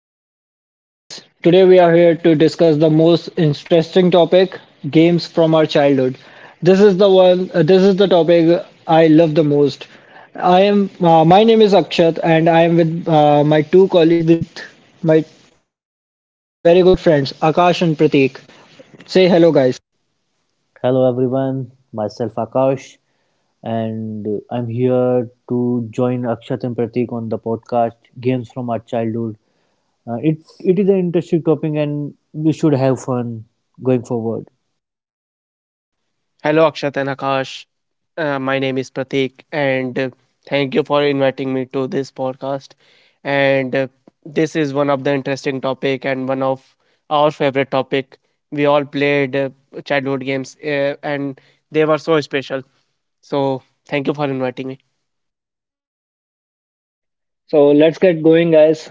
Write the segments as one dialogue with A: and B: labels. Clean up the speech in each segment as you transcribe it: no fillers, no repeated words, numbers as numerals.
A: to our podcast series. Today, we are here to discuss the most interesting topic, games from our childhood. This is the topic I love the most. My name is Akshat, and I am with my two colleagues, with my colleagues and very good friends, Akash and Prateek. Say hello, guys.
B: Hello everyone, myself Akash, and I'm here to join Akshat and Pratik on the podcast Games from Our Childhood. It is an interesting topic, and we should have fun going forward.
C: Hello, Akshat and Akash. My name is Pratik, and thank you for inviting me to this podcast. And this is one of the interesting topic and one of our favorite topic. We all played childhood games, and they were so special. So thank you for inviting me.
A: So let's get going, guys.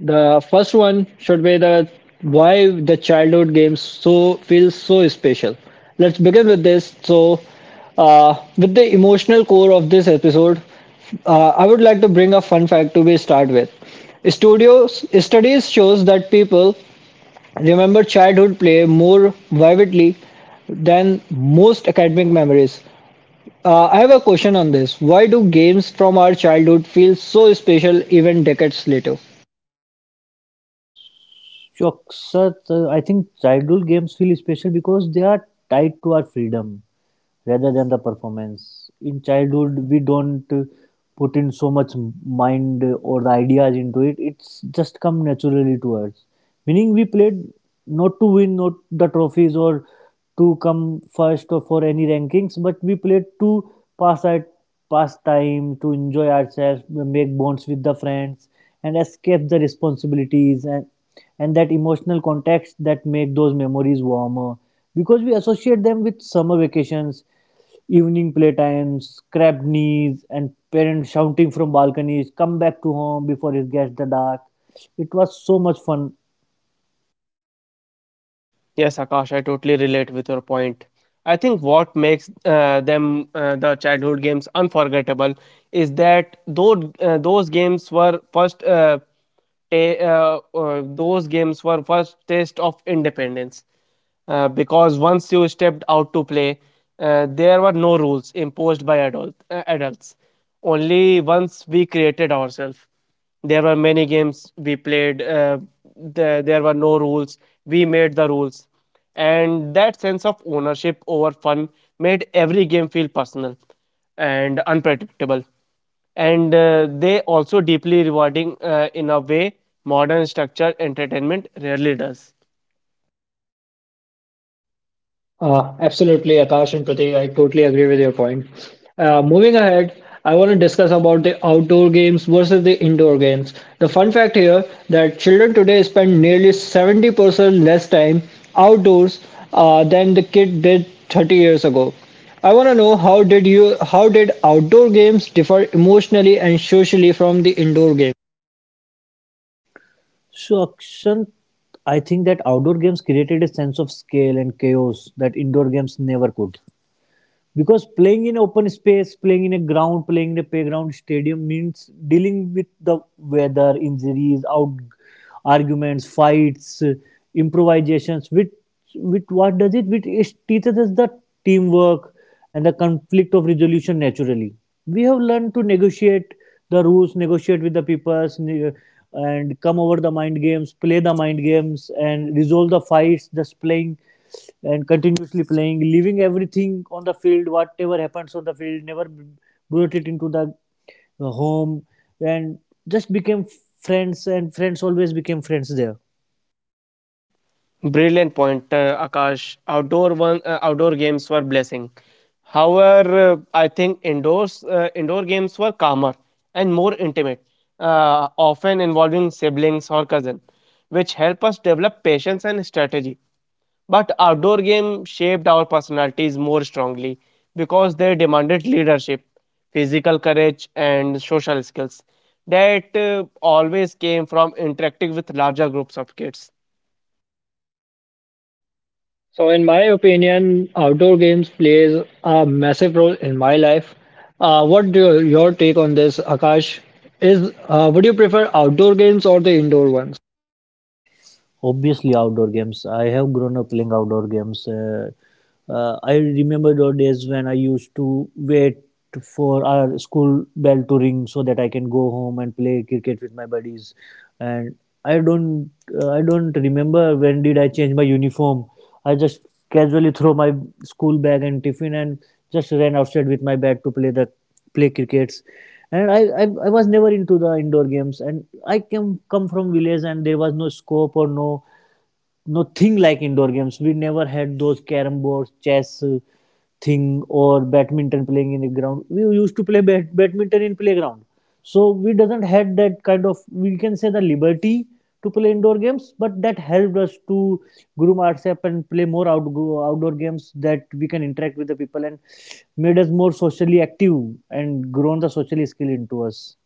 A: The first one should be the why the childhood games feels so special. Let's begin with this. With the emotional core of this episode, I would like to bring a fun fact to be start with. Studios studies shows that people remember childhood play more vividly than most academic memories. I have a question on this. Why do games from our childhood feel so special even decades later?
B: Sure, sir, I think childhood games feel special because they are tied to our freedom rather than the performance. In childhood, we don't put in so much mind or the ideas into it. It's just come naturally to us. Meaning, we played not to win, not the trophies or to come first or for any rankings, but we played to pass our pass time, to enjoy ourselves, make bonds with the friends, and escape the responsibilities and that emotional context that make those memories warmer because we associate them with summer vacations, evening playtimes, crabbed knees, and parents shouting from balconies, "Come back to home before it gets the dark." It was so much fun.
C: Yes, Akash, I totally relate with your point. I think what makes the childhood games unforgettable is that though those games were first. Ta- those games were first taste of independence, because once you stepped out to play, there were no rules imposed by adults. Only once we created ourselves. There were many games we played, there were no rules. We made the rules. And that sense of ownership over fun made every game feel personal and unpredictable, and they also deeply rewarding in a way modern structured entertainment rarely does.
A: Absolutely, Akash and Pratik, I totally agree with your point. Moving ahead, I want to discuss about the outdoor games versus the indoor games. The fun fact here that children today spend nearly 70% less time outdoors, than the kid did 30 years ago. I want to know how did outdoor games differ emotionally and socially from the indoor games?
B: So, Akshant, I think that outdoor games created a sense of scale and chaos that indoor games never could, because playing in open space, playing in a ground, playing in a playground stadium means dealing with the weather, injuries, out, arguments, fights, improvisations with what does it, with it teaches us the teamwork and the conflict of resolution naturally. We have learned to negotiate the rules, negotiate with the peoples, and come over the mind games, play the mind games and resolve the fights, just playing and continuously playing, leaving everything on the field. Whatever happens on the field never brought it into the home, and just became friends, and friends always became friends there.
C: Brilliant point, Akash. Outdoor games were blessing. However, I think indoor games were calmer and more intimate, often involving siblings or cousin, which help us develop patience and strategy. But outdoor games shaped our personalities more strongly because they demanded leadership, physical courage, and social skills that always came from interacting with larger groups of kids.
A: So, in my opinion, outdoor games plays a massive role in my life. What do your take on this, Akash? Is Would you prefer outdoor games or the indoor ones?
B: Obviously, outdoor games. I have grown up playing outdoor games. I remember those days when I used to wait for our school bell to ring so that I can go home and play cricket with my buddies. And I don't, I don't remember when did I change my uniform. I just casually throw my school bag and tiffin and just ran outside with my bat to play that, play crickets. And I was never into the indoor games, and I came come from village, and there was no scope or no thing like indoor games. We never had those carom boards, chess, thing, or badminton. Playing in a ground, we used to play badminton in playground. So we doesn't had that kind of, we can say, the liberty to play indoor games, but that helped us to groom ourselves and play more outdoor games, that we can interact with the people and made us more socially active and grown the social skill into us.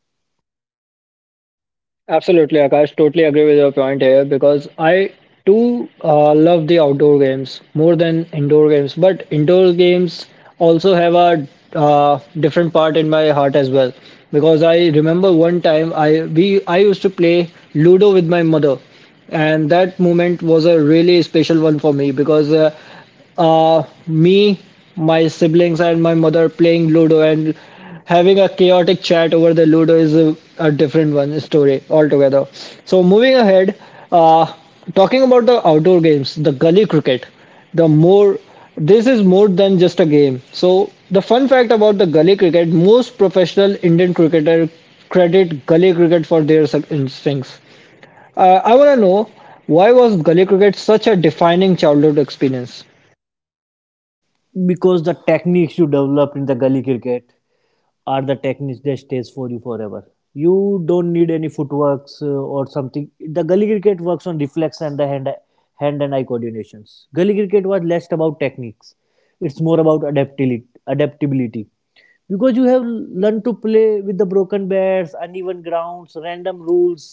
A: Absolutely, Akash. Totally agree with your point here because I too love the outdoor games more than indoor games. But indoor games also have a different part in my heart as well because I remember one time I used to play Ludo with my mother, and that moment was a really special one for me because me, my siblings, and my mother playing Ludo and having a chaotic chat over the Ludo is a different one story altogether. So moving ahead, uh, talking about the outdoor games, the gully cricket, the more this is more than just a game. So the fun fact about the gully cricket, most professional Indian cricketer credit gully cricket for their instincts. I want to know why was gully cricket such a defining childhood experience?
B: Because the techniques you develop in the gully cricket are the techniques that stays for you forever. You don't need any footworks or something. The gully cricket works on reflex and the hand and eye coordinations. Gully cricket was less about techniques; it's more about adaptability, because you have learned to play with the broken bats, uneven grounds, random rules,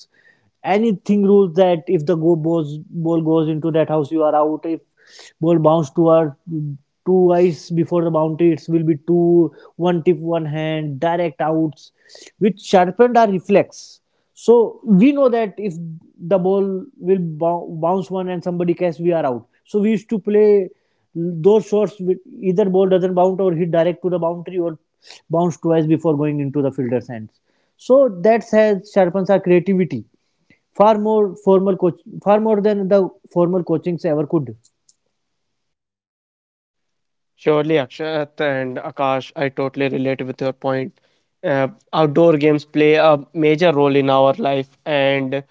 B: anything rules, that if the ball goes into that house, you are out. If ball bounce toward two eyes before the boundary, it will be two, one tip, one hand, direct outs, which sharpened our reflex. So we know that if the ball will bounce one and somebody catch, we are out. So we used to play those shots will either ball doesn't bounce or hit direct to the boundary or bounce twice before going into the fielder's hands. So that has sharpens our creativity far more formal coach far more than the formal coachings ever could.
C: Surely, Akshat and Akash, I totally relate with your point. Outdoor games play a major role in our life, and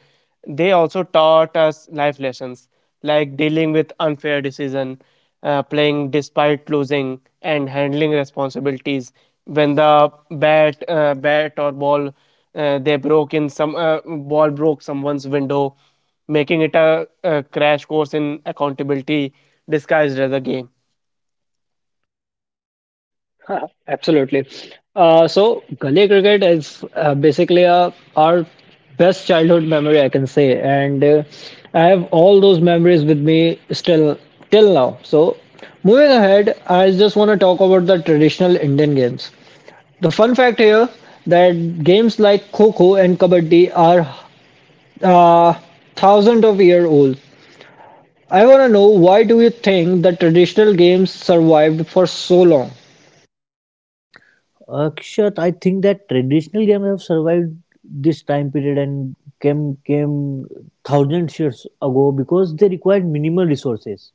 C: they also taught us life lessons like dealing with unfair decision, playing despite losing, and handling responsibilities. When the bat or ball, they broke in some ball broke someone's window, making it a crash course in accountability disguised as a game.
A: Huh, absolutely. So gully cricket is basically our best childhood memory, I can say, and I have all those memories with me still till now. So moving ahead, I just want to talk about the traditional Indian games. The fun fact here that games like kho kho and kabaddi are uh, thousands of year old. I want to know why do you think the traditional games survived for so long?
B: Akshat, I think that traditional games have survived this time period and came thousands years ago because they required minimal resources.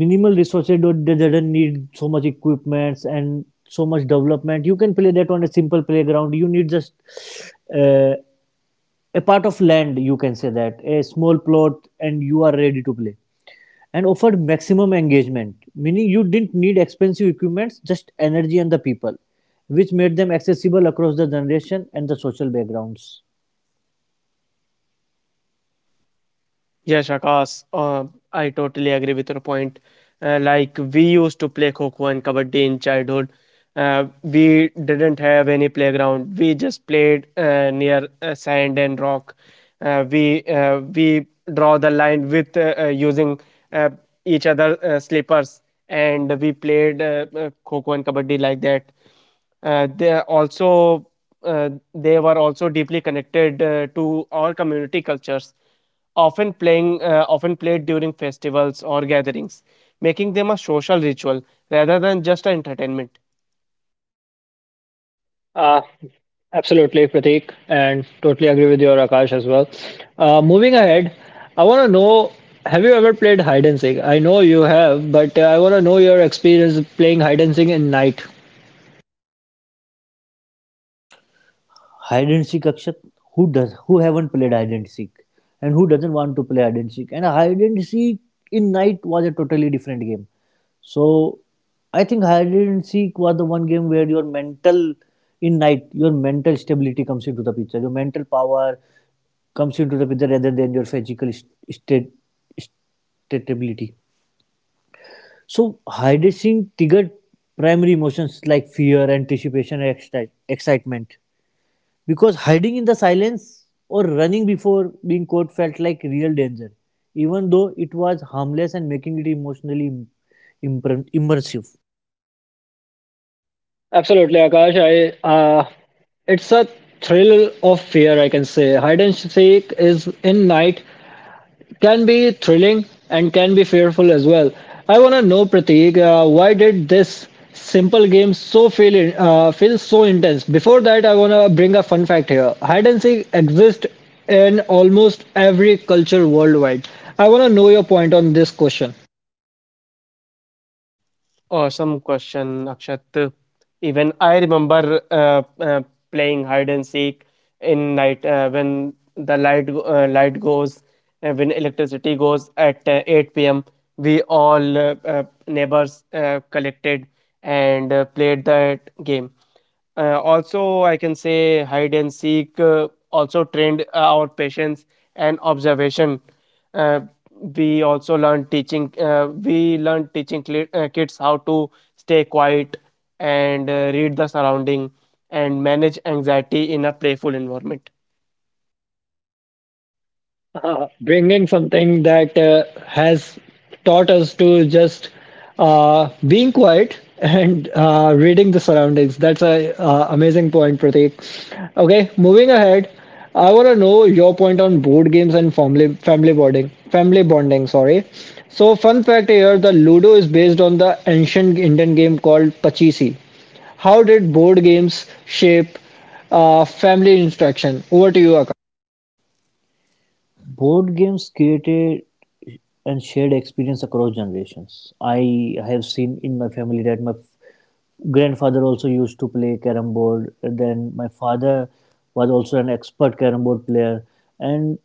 B: Minimal resources, don't, they doesn't need so much equipments and so much development. You can play that on a simple playground. You need just uh, a part of land, you can say that, a small plot, and you are ready to play, and offered maximum engagement, meaning you didn't need expensive equipments, just energy and the people, which made them accessible across the generation and the social backgrounds.
C: Yes, Akash, I totally agree with your point. Like we used to play kho and kabaddi in childhood. We didn't have any playground. We just played near sand and rock. We draw the line with using uh, each other slippers, and we played kho and kabaddi like that. Uh, they are also they were also deeply connected to all community cultures, often played during festivals or gatherings, making them a social ritual rather than just an entertainment.
A: Uh, Absolutely, Pratik, and totally agree with your Akash as well. Moving ahead, I want to know, have you ever played hide and seek? I know you have, but I want to know your experience playing hide and seek in night.
B: Hide and seek, Akshat, who does, who haven't played hide and seek, and who doesn't want to play hide and seek? And hide and seek in night was a totally different game. So I think hide and seek was the one game where your mental, in night your mental stability comes into the picture, your mental power comes into the picture, rather than your physical state stability. So hide and seek triggered primary emotions like fear, anticipation, and excitement, because hiding in the silence or running before being caught felt like real danger, even though it was harmless, and making it emotionally immersive.
A: Absolutely, Akash. I It's a thrill of fear, I can say. Hide and seek is in night, can be thrilling and can be fearful as well. I want to know, Prateek, why did this simple game feel so intense? Before that, I want to bring a fun fact here. Hide and seek exists in almost every culture worldwide. I want to know your point on this question.
C: Awesome question, Akshat. Even I remember playing hide and seek in night, when light goes, when electricity goes at 8 p.m. We all neighbors collected and played that game. Also, I can say hide and seek also trained our patience and observation. Uh, we learn teaching kids how to stay quiet and read the surrounding and manage anxiety in a playful environment.
A: Bringing something that has taught us to just being quiet and reading the surroundings. That's a amazing point, Pratik. Okay, moving ahead, I want to know your point on board games and family bonding. Family bonding, sorry. So, fun fact here: the Ludo is based on the ancient Indian game called Pachisi. How did board games shape family interaction? Over to you.
B: Board games created and shared experience across generations. I have seen in my family that my grandfather also used to play carom board. Then my father was also an expert carom board player, and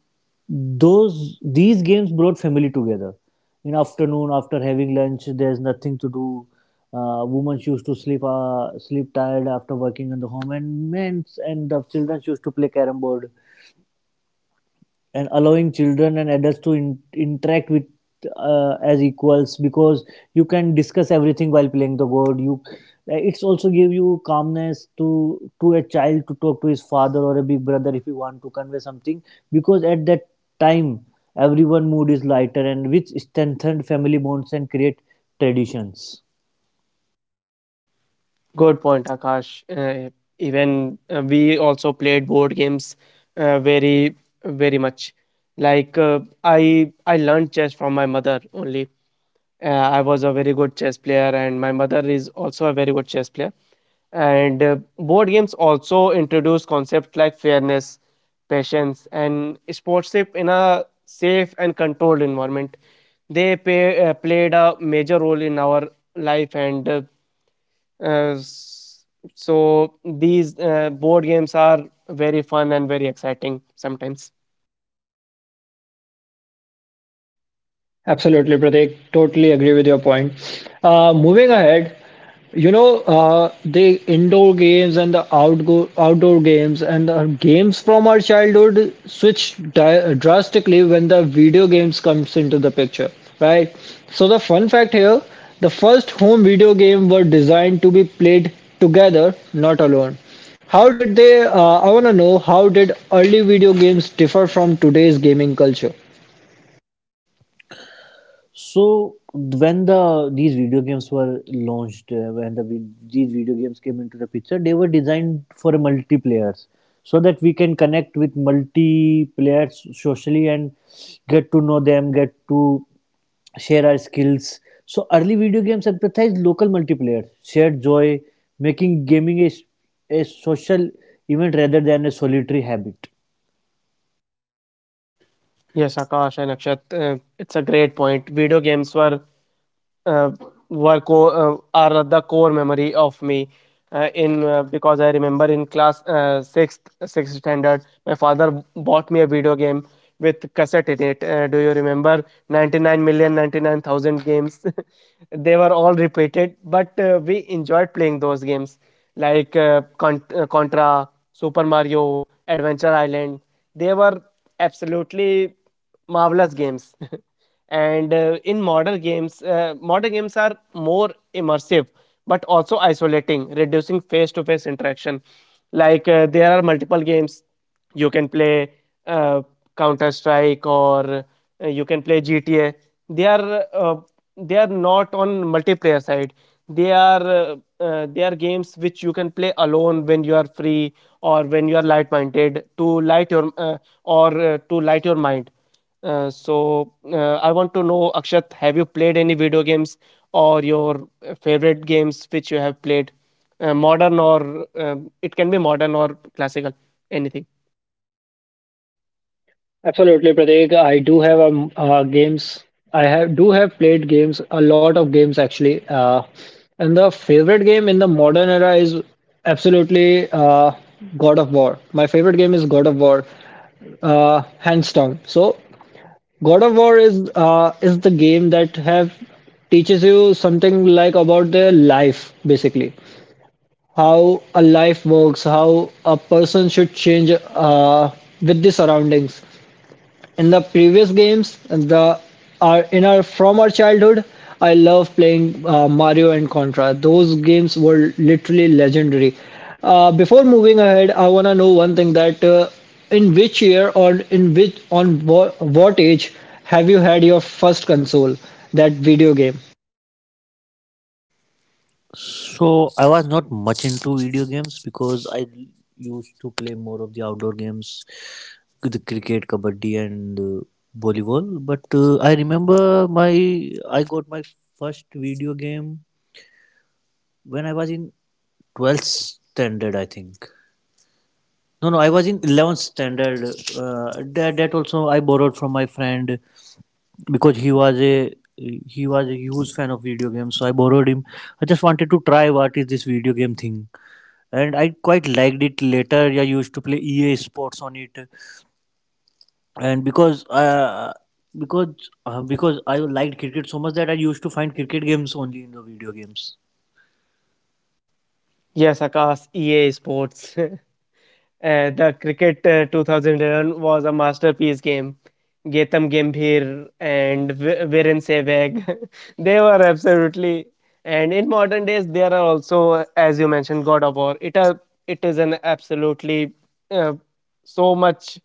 B: those these games brought family together. In afternoon, after having lunch, there's nothing to do. Women used to sleep tired after working in the home, and men and the children used to play carom board and allowing children and adults to interact with, as equals, because you can discuss everything while playing the board. You it's also give you calmness to a child to talk to his father or a big brother if you want to convey something, because at that time everyone mood is lighter, and which strengthened family bonds and create traditions.
C: Good point, Akash. Even We also played board games very very much, like I learned chess from my mother only. I was a very good chess player, and my mother is also a very good chess player. And board games also introduce concepts like fairness, patience, and sportsmanship in a safe and controlled environment. They played a major role in our life, and uh, s- so these board games are very fun and very exciting sometimes.
A: Absolutely, Pratik. Totally agree with your point. Moving ahead, you know, the indoor games and the outgo outdoor games and the games from our childhood switch di drastically when the video games comes into the picture, right? So the fun fact here, the first home video game were designed to be played together, not alone. How did they, uh, I want to know, how did early video games differ from today's gaming culture?
B: So when the these video games were launched, these video games came into the picture, they were designed for multiplayers, so that we can connect with multiplayers socially and get to know them, get to share our skills. So early video games emphasized local multiplayer, shared joy, making gaming a social event rather than a solitary habit.
C: Yes, Akash and Akshat, it's a great point. Video games uh, are the core memory of me, in because I remember in class sixth standard my father bought me a video game with cassette in it. Do you remember 99,099,000 games? They were all repeated, but we enjoyed playing those games like Contra, Super Mario, Adventure Island. They were absolutely marvelous games. and in modern games Modern games are more immersive but also isolating, reducing face to face interaction. Like, there are multiple games you can play, uh, counter strike, or you can play GTA. They are uh, they are not on multiplayer side. They are uh, uh, they are games which you can play alone when you are free, or when you are light minded to light your or to light your mind. So, I want to know, Akshat, have you played any video games or your favorite games which you have played, modern or, it can be modern or classical, anything?
A: Absolutely, Pratik. I do have games. I have played games, a lot of games actually. And the favorite game in the modern era is absolutely God of War. My favorite game is God of War, hands down. So God of War is the game that have teaches you something like about their life, basically how a life works, how a person should change with the surroundings. In the previous games, the are in our from our childhood, I love playing Mario and Contra. Those games were literally legendary. Before moving ahead, I wanna know one thing, that in which year or in which what age have you had your first console, that video game?
B: So I was not much into video games because I used to play more of the outdoor games, the cricket, kabaddi, and volleyball. But I remember my I got my first video game when I was in 12th standard, I think. No, no, I was in 11th standard. Uh, that also I borrowed from my friend because he was a huge fan of video games. So I borrowed him. I just wanted to try what is this video game thing, and I quite liked it later. I used to play EA Sports on it, and because I liked cricket so much that I used to find cricket games only in the video games.
C: Yes, Akash, EA Sports. The Cricket 2011 was a masterpiece game. Getam Gambhir and Viren Sehwag, they were absolutely. And in modern days, there are also, as you mentioned, God of War. It, a it is an absolutely uh, so much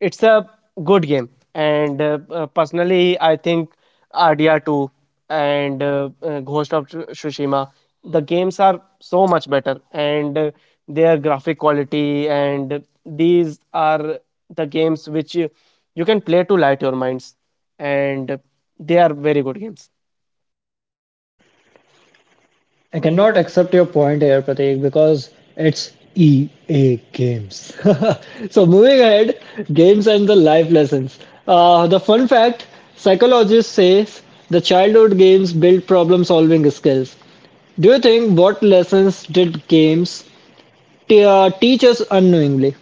C: it's a good game, and personally, I think RDR two, and Ghost of Tsushima. The games are so much better, and their graphic quality, and these are the games which you can play to light your minds, and they are very good games.
A: I cannot accept your point here, Prateek, because it's EA Games. So, moving ahead, games and the life lessons. The fun fact, psychologists say the childhood games build problem solving skills. Do you think what lessons did games teach us unknowingly?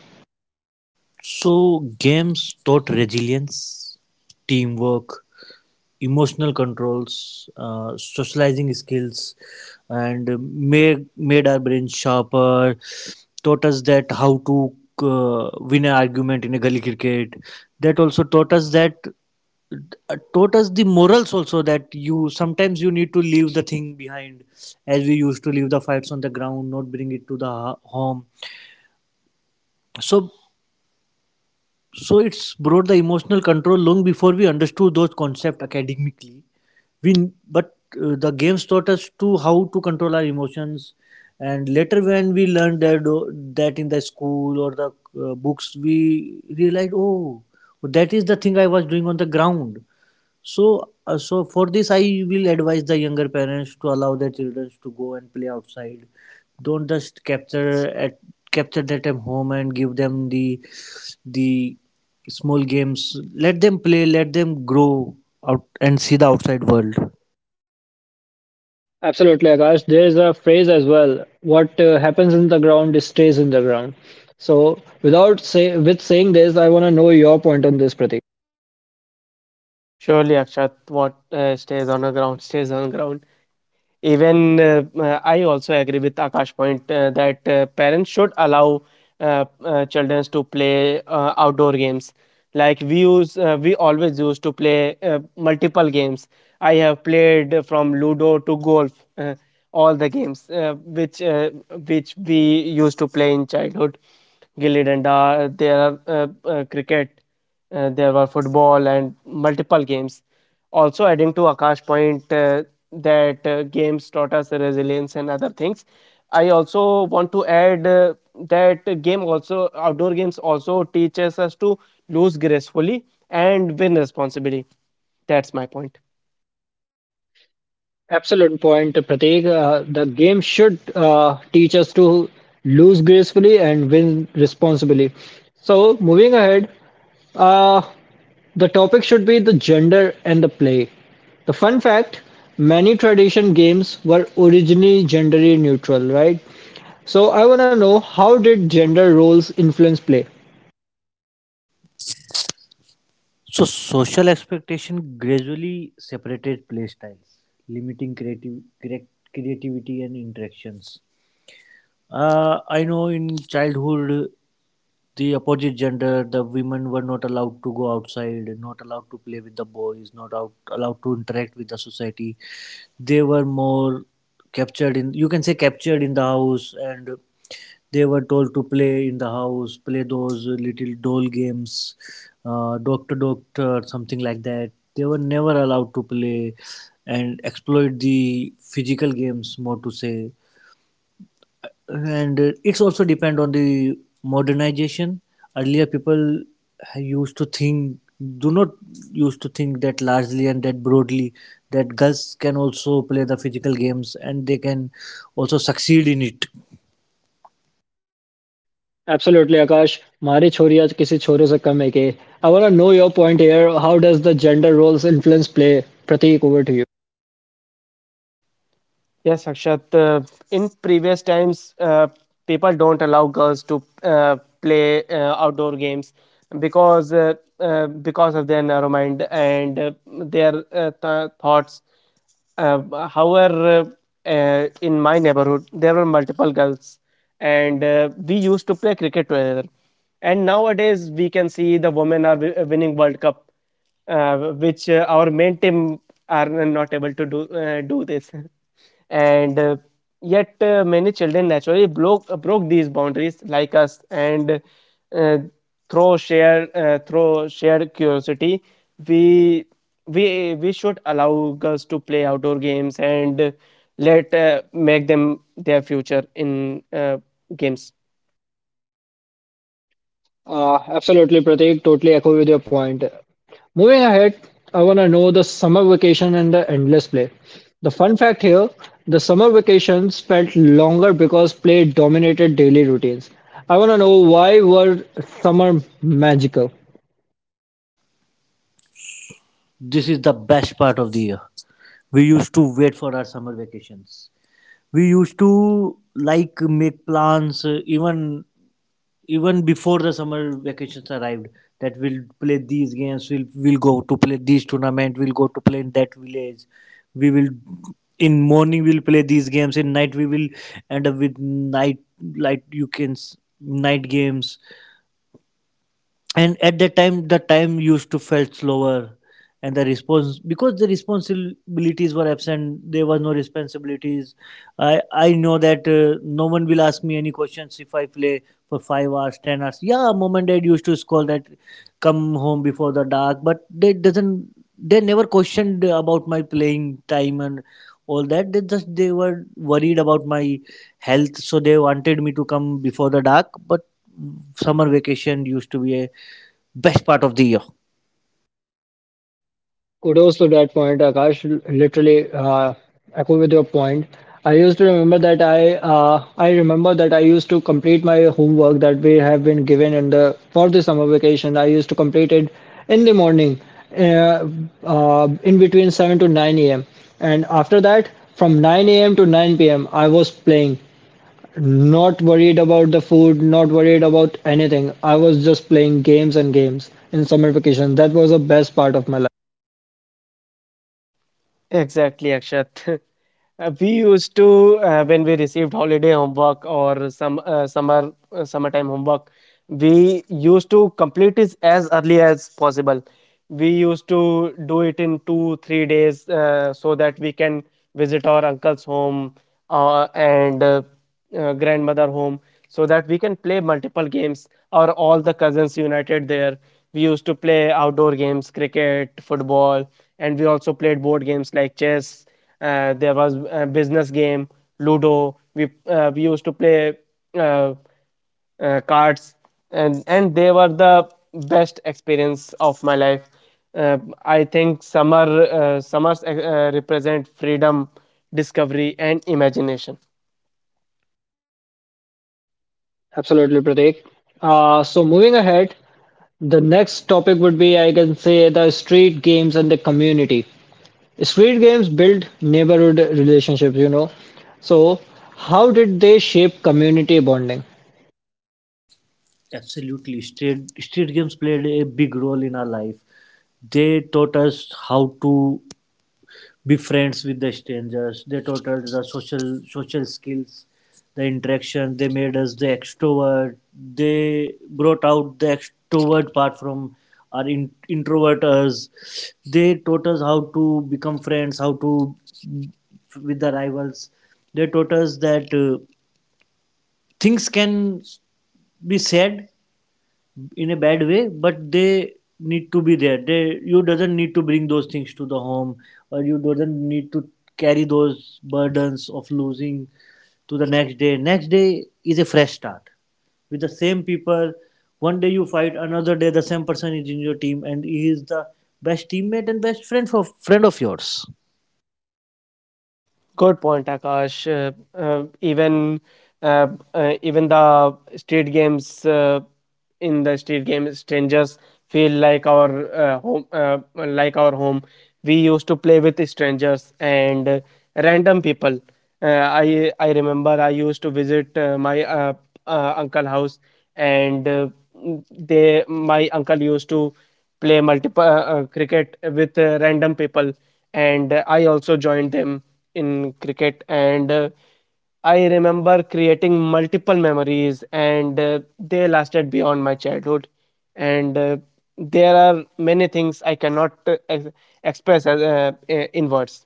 B: So, games taught resilience, teamwork, emotional controls, socializing skills, and made our brains sharper, taught us that how to win an argument in a gully cricket. That also taught us that, taught us the morals also, that you sometimes you need to leave the thing behind, as we used to leave the fights on the ground, not bring it to the home. So, so it's brought the emotional control long before we understood those concepts academically. We, but the games taught us to how to control our emotions, and later when we learned that, that in the school or the books, we realized, oh, that is the thing I was doing on the ground. So, so for this, I will advise the younger parents to allow their children to go and play outside. Don't just capture that at home and give them the the small games. Let them play. Let them grow out and see the outside world.
A: Absolutely, Akash. There is a phrase as well. What happens in the ground stays in the ground. So, without say with saying this, I want to know your point on this, Pratik.
C: Surely, Akshat, what stays on the ground stays on the ground. Even I also agree with Akash point that parents should allow children to play outdoor games. Like, we always used to play multiple games. I have played from Ludo to golf, all the games which we used to play in childhood. Gilly danda, there are cricket. There were football and multiple games. Also, adding to Akash point, that games taught us resilience and other things. I also want to add that game also outdoor games also teaches us to lose gracefully and win responsibly. That's my point.
A: Absolute point, Prateek. The game should teach us to lose gracefully and win responsibly. So, moving ahead, uh, the topic should be the gender and the play. The fun fact, many tradition games were originally gender neutral, right? So, I want to know how did gender roles influence play?
B: So, social expectation gradually separated play styles, limiting creativity and interactions. I know in childhood, the opposite gender, the women were not allowed to go outside, not allowed to play with the boys, not out, allowed to interact with the society. They were more captured in, you can say, captured in the house, and they were told to play in the house, play those little doll games, doctor doctor something like that. They were never allowed to play and exploit the physical games, more to say. And it's also depend on the modernization. Earlier people used to think, do not, used to think that largely and that broadly, that girls can also play the physical games and they can also succeed in it.
A: Absolutely, Akash. हमारी छोरी आज किसी छोरे से कम है के. I want to know your point here. How does the gender roles influence play? Prateek, over to you.
C: Yes, Akshat. In previous times, people don't allow girls to play outdoor games, because of their narrow mind and their thoughts. Uh, However, in my neighborhood, there were multiple girls, and we used to play cricket together. And nowadays, we can see the women are winning World Cup, uh, which our main team are not able to do, do this. And yet, many children naturally broke these boundaries like us, and uh, through shared curiosity, we we should allow girls to play outdoor games, and let make them their future in games.
A: Absolutely, Pratik. Totally echo with your point. Moving ahead, I want to know the summer vacation and the endless play. The fun fact here, the summer vacations felt longer because play dominated daily routines. I want to know why were summer magical?
B: This is the best part of the year. We used to wait for our summer vacations. We used to like make plans, even before the summer vacations arrived, that we'll play these games, we'll go to play these tournament, we'll go to play in that village. We will, in morning we'll play these games, in night we will end up with night, like you can night games. And at that time the time used to felt slower, and the response, because the responsibilities were absent, there was no responsibilities. I know that no one will ask me any questions if I play for 5 hours 10 hours. Yeah, mom and dad used to scold that, come home before the dark, but they doesn't, they never questioned about my playing time and all that. They just, they were worried about my health, so they wanted me to come before the dark. But summer vacation used to be a best part of the year.
A: Kudos to that point, Akash. Literally, echo with your point. I remember that I used to complete my homework that we have been given in the for the summer vacation. I used to complete it in the morning, uh, in between 7 to 9 a.m. And after that, from 9 a.m. to 9 p.m., I was playing. Not worried about the food, not worried about anything. I was just playing games and games in summer vacation. That was the best part of my.
C: Exactly, Akshat. We used to When we received holiday homework or some summertime homework, we used to complete it as early as possible. We used to do it in 2 3 days, so that we can visit our uncle's home, and grandmother home, so that we can play multiple games. Or all the cousins united there, we used to play outdoor games, cricket, football, and we also played board games like chess. There was a business game, Ludo. We used to play uh, cards, and they were the best experience of my life. Uh, I think summers represent freedom, discovery, and imagination.
A: Absolutely, Pratik. So moving ahead, the next topic would be, I can say, the street games and the community. Street games build neighborhood relationships, you know. So how did they shape community bonding?
B: Absolutely. Street games played a big role in our life. They taught us how to be friends with the strangers. They taught us the social skills, the interaction. They made us the extrovert. They brought out the extrovert part from our introvert us. They taught us how to become friends, how to with the rivals. They taught us that things can be said in a bad way, but they need to be there. They, you doesn't need to bring those things to the home, or you doesn't need to carry those burdens of losing to the next day. Next day is a fresh start with the same people. One day you fight, another day the same person is in your team and he is the best teammate and best friend for friend of yours.
C: Good point, Akash. Even uh, even the street games in the street games, strangers feel like our home, like our home. We used to play with strangers and random people. Uh, I remember I used to visit my uncle house, and m- they my uncle used to play multiple cricket with random people, and I also joined them in cricket, and I remember creating multiple memories, and they lasted beyond my childhood. And there are many things I cannot express, as in words.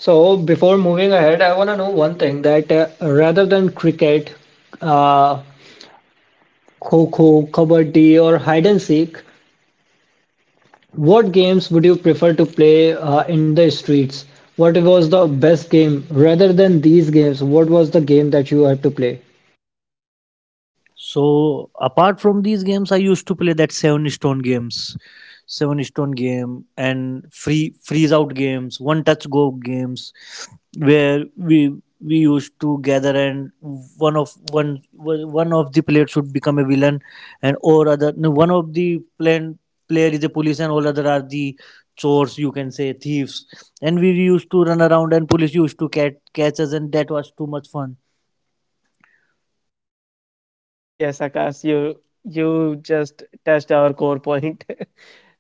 A: So before moving ahead, I want to know one thing, that rather than cricket, uh, kho kho, kabaddi, or hide and seek, what games would you prefer to play in the streets? What was the best game rather than these games? What was the game that you had to play?
B: So apart from these games, I used to play that seven stone games, seven stone game, and freeze out games, one touch go games, where we used to gather and one of the players should become a villain, and or other no, one of the plan player is a police and all other are the chores, you can say thieves. And we used to run around and police used to catch us, and that was too much fun.
C: Yes, Akash, you just touched our core point.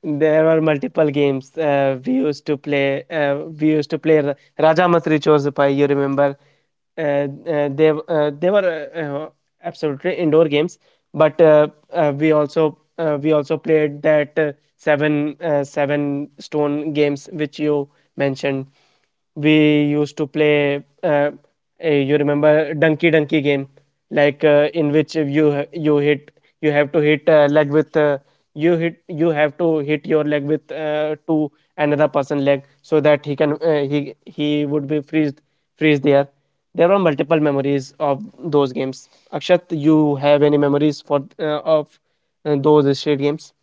C: There were multiple games we used to play. We used to play Raja Matri Chor Pai. You remember? Uh, they were uh, uh, absolutely indoor games, but we also played that seven stone games which you mentioned. We used to play. You remember Donkey Donkey game, in which you have to hit leg with, you have to hit your leg with, to another person leg, so that he can he would be freeze there. There are multiple memories of those games. Akshat, you have any memories for of those street games?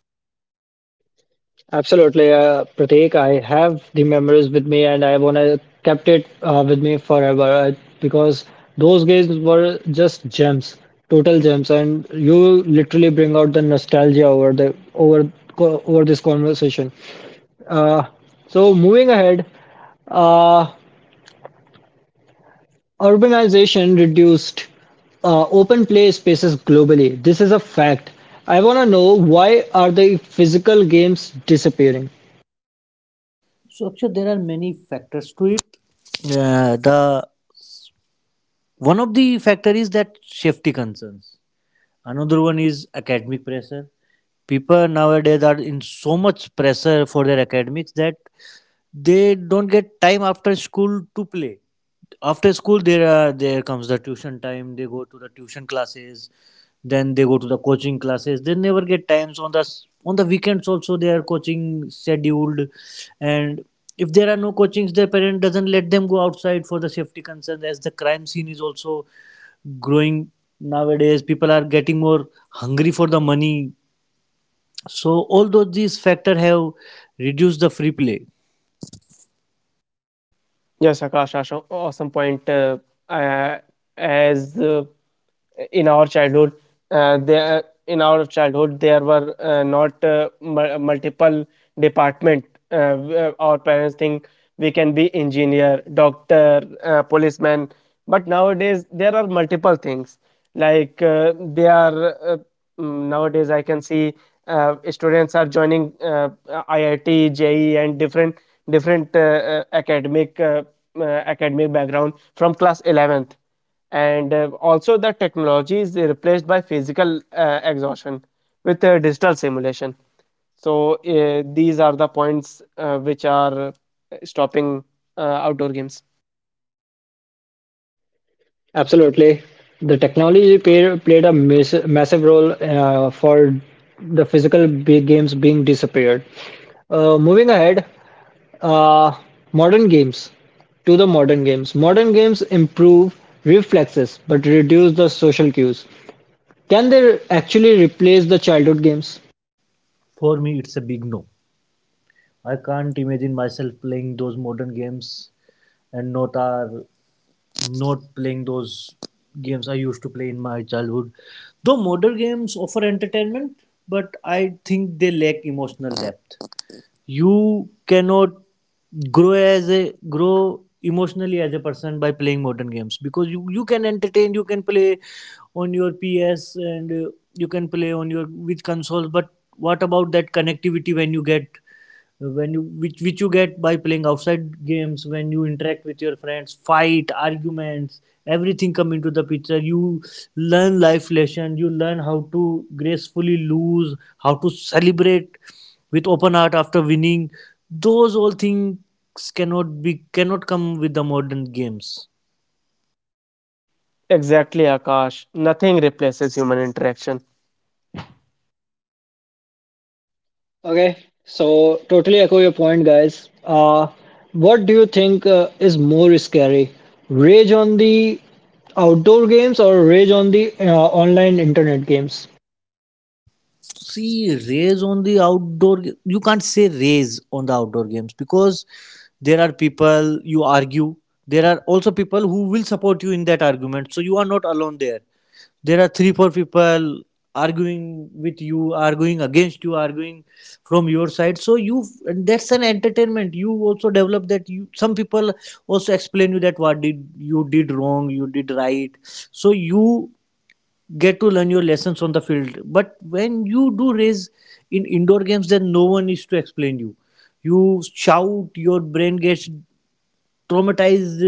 A: Absolutely, Pratik. I have the memories with me, and I wanna kept it with me forever because those games were just gems, total gems, and you literally bring out the nostalgia over the over this conversation. Uh, so moving ahead, uh, urbanization reduced open play spaces globally. This is a fact. I want to know why are the physical games disappearing?
B: So actually, there are many factors to it. The one of the factor is that safety concerns. Another one is academic pressure. People nowadays are in so much pressure for their academics that they don't get time after school to play. After school, there are, there comes the tuition time, they go to the tuition classes, then they go to the coaching classes. They never get times on the on the weekends also, they are coaching scheduled. And if there are no coachings, their parent doesn't let them go outside for the safety concerns, as the crime scene is also growing. Nowadays people are getting more hungry for the money, so all those these factor have reduced the free play.
C: Yes, Akash, awesome point. Uh, as In our childhood, uh, there uh, there were not multiple department. Where our parents think we can be engineer, doctor, policeman, but nowadays there are multiple things. Like uh, they are uh, Nowadays, I can see students are joining IIT, JE, and different academic background from class 11th. And also, the technology is replaced by physical exhaustion with digital simulation. So, these are the points which are stopping uh, outdoor games.
A: Absolutely. The technology played a massive role for the physical games being disappeared. Moving ahead, uh, modern games to the modern games. Modern games improve reflexes but reduce the social cues. Can they actually replace the childhood games?
B: For me it's a big no. I can't imagine myself playing those modern games and not are, not playing those games I used to play in my childhood. Though modern games offer entertainment, but I think they lack emotional depth. You cannot grow as a, grow emotionally as a person by playing modern games, because you can entertain, you can play on your ps and you can play on your with consoles. But what about that connectivity when you get, when you, which you get by playing outside games, when you interact with your friends, fight arguments, everything come into the picture. You learn life lesson, you learn how to gracefully lose, how to celebrate with open heart after winning. Those all things cannot be, cannot come with the modern games.
C: Exactly, Akash. Nothing replaces human interaction.
A: Okay, so totally echo your point, guys. What do you think is more scary? Rage on the outdoor games or rage on the online internet games?
B: See, raise on the outdoor you can't say raise on the outdoor games, because there are people you argue, there are also people who will support you in that argument, so you are not alone there. There are three four people arguing with you, arguing against you, arguing from your side, so you, and that's an entertainment. You also develop that, you, some people also explain you that what did you did wrong, you did right, so you get to learn your lessons on the field. But when you do raise in indoor games, then no one is to explain you. You shout, your brain gets traumatized.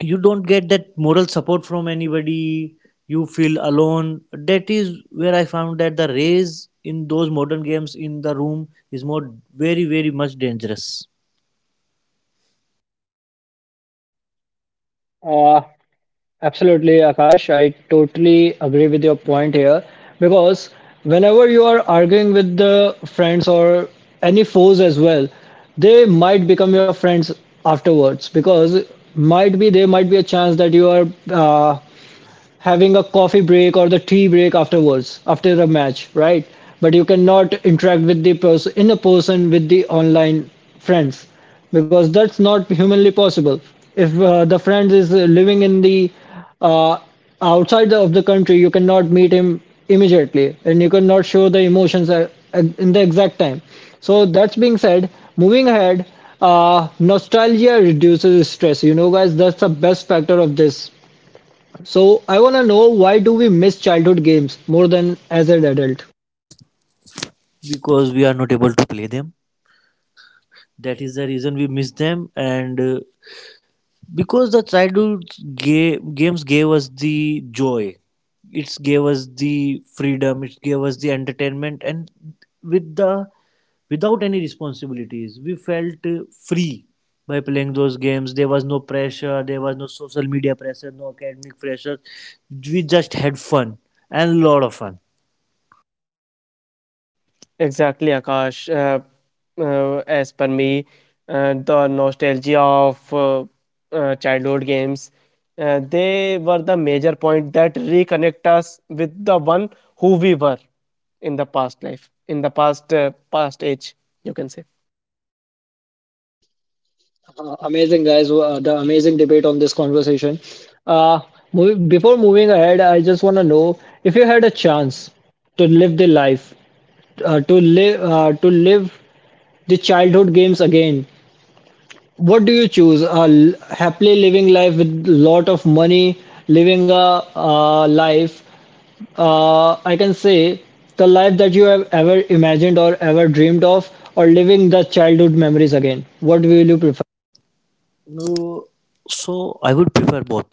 B: You don't get that moral support from anybody. You feel alone. That is where I found that the raise in those modern games in the room is more very very much dangerous.
A: Uh, Absolutely, Akash. I totally agree with your point here because whenever you are arguing with the friends or any foes as well, they might become your friends afterwards, because might be there might be a chance that you are having a coffee break or the tea break afterwards after the match, right? But you cannot interact with the person in a person with the online friends, because that's not humanly possible. If the friend is living in the uh, outside the, of the country, you cannot meet him immediately and you cannot show the emotions at in the exact time. So that's being said, moving ahead, nostalgia reduces stress, you know, guys. That's the best factor of this. So I want to know why do we miss childhood games more than as an adult?
B: Because we are not able to play them. That is the reason we miss them and. Because the childhood games gave us the joy, it gave us the freedom, it gave us the entertainment. And with the, without any responsibilities, we felt free by playing those games. There was no pressure, there was no social media pressure, no academic pressure. We just had fun, and a lot of fun.
C: Exactly, Akash. As per me, the nostalgia of childhood games, they were the major point that reconnect us with the one who we were in the past life, in the past age, you can say.
A: Amazing, guys. The amazing debate on this conversation. Uh, mov Before moving ahead, I just want to know, if you had a chance to live the life, uh, to to live the childhood games again, what do you choose? Happily living life with lot of money, living a life, I can say the life that you have ever imagined or ever dreamed of, or living the childhood memories again? What will you prefer?
B: No, so I would prefer both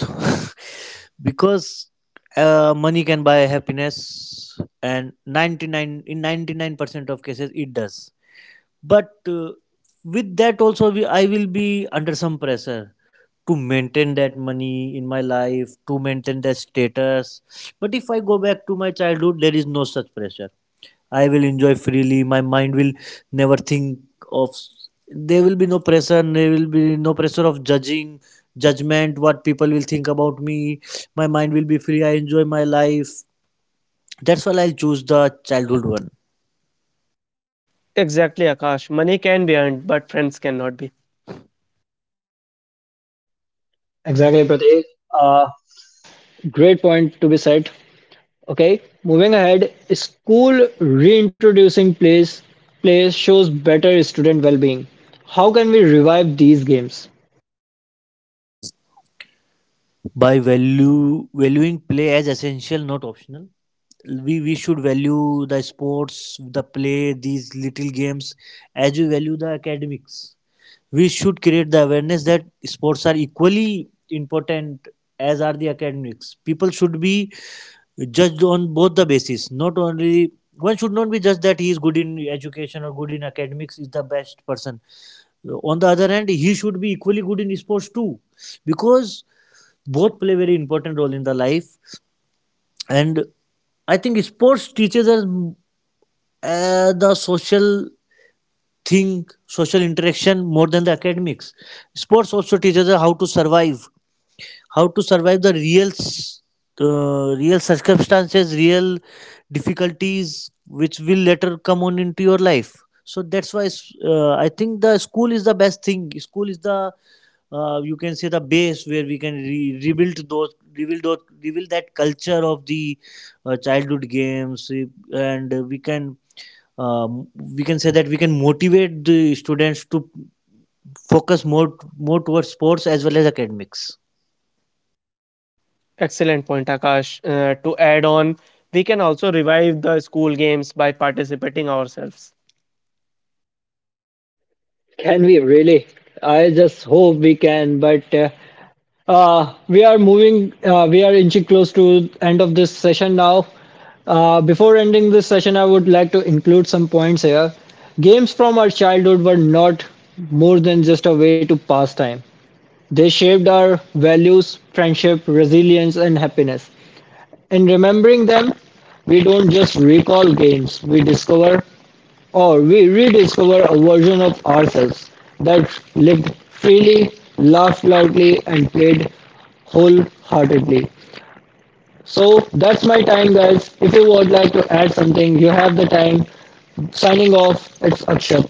B: because money can buy happiness, and 99, in 99% of cases it does. But with that also, we, I will be under some pressure to maintain that money in my life, to maintain that status. But if I go back to my childhood, there is no such pressure. I will enjoy freely. My mind will never think of. There will be no pressure. There will be no pressure of judging, judgment. What people will think about me. My mind will be free. I enjoy my life. That's why I choose the childhood one.
C: Exactly, Akash. Money can be earned, but friends cannot be.
A: Exactly, Pratik. Uh, Great point to be said. Okay, moving ahead, school reintroducing plays shows better student well-being. How can we revive these games?
B: By value valuing play as essential, not optional. We should value the sports, the play, these little games, as we value the academics. We should create the awareness that sports are equally important as are the academics. People should be judged on both the basis, not only one. Should not be judged that he is good in education or good in academics is the best person. On the other hand, he should be equally good in sports too. Because both play very important role in the life. And I think sports teaches us uh, the social social interaction more than the academics. Sports also teaches us how to survive the real circumstances, real difficulties which will later come on into your life. So that's why I think the school is the best thing. School is the, you can say the base where we can rebuild that culture of the childhood games, and we can, um, we can say that we can motivate the students to focus more towards sports as well as academics.
C: Excellent point, Akash. To add on, we can also revive the school games by participating ourselves.
A: Can we really? I just hope we can, but we are inching close to end of this session now. Before ending this session, I would like to include some points here. Games from our childhood were not more than just a way to pass time. They shaped our values, friendship, resilience, and happiness. In remembering them, we don't just recall games, we discover or we rediscover a version of ourselves that lived freely, laughed loudly, and played wholeheartedly. So that's my time, guys. If you would like to add something, you have the time. Signing off, it's Akshat.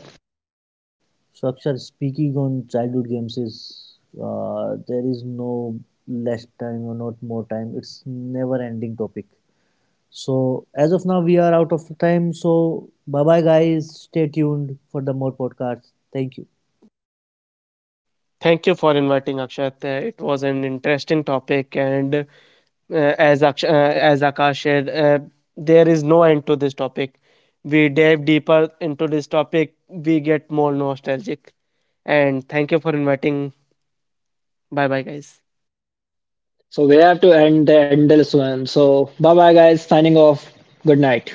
B: So, Akshar, speaking on childhood games is, there is no less time or not more time. It's never ending topic. So as of now, we are out of time. So bye bye, guys. Stay tuned for the more podcasts. Thank you.
C: Thank you for inviting, Akshat. It was an interesting topic, and as Akash shared, there is no end to this topic. We dive deeper into this topic, we get more nostalgic. And thank you for inviting. Bye bye, guys.
A: So we have to end the endless one. So bye bye, guys. Signing off. Good night.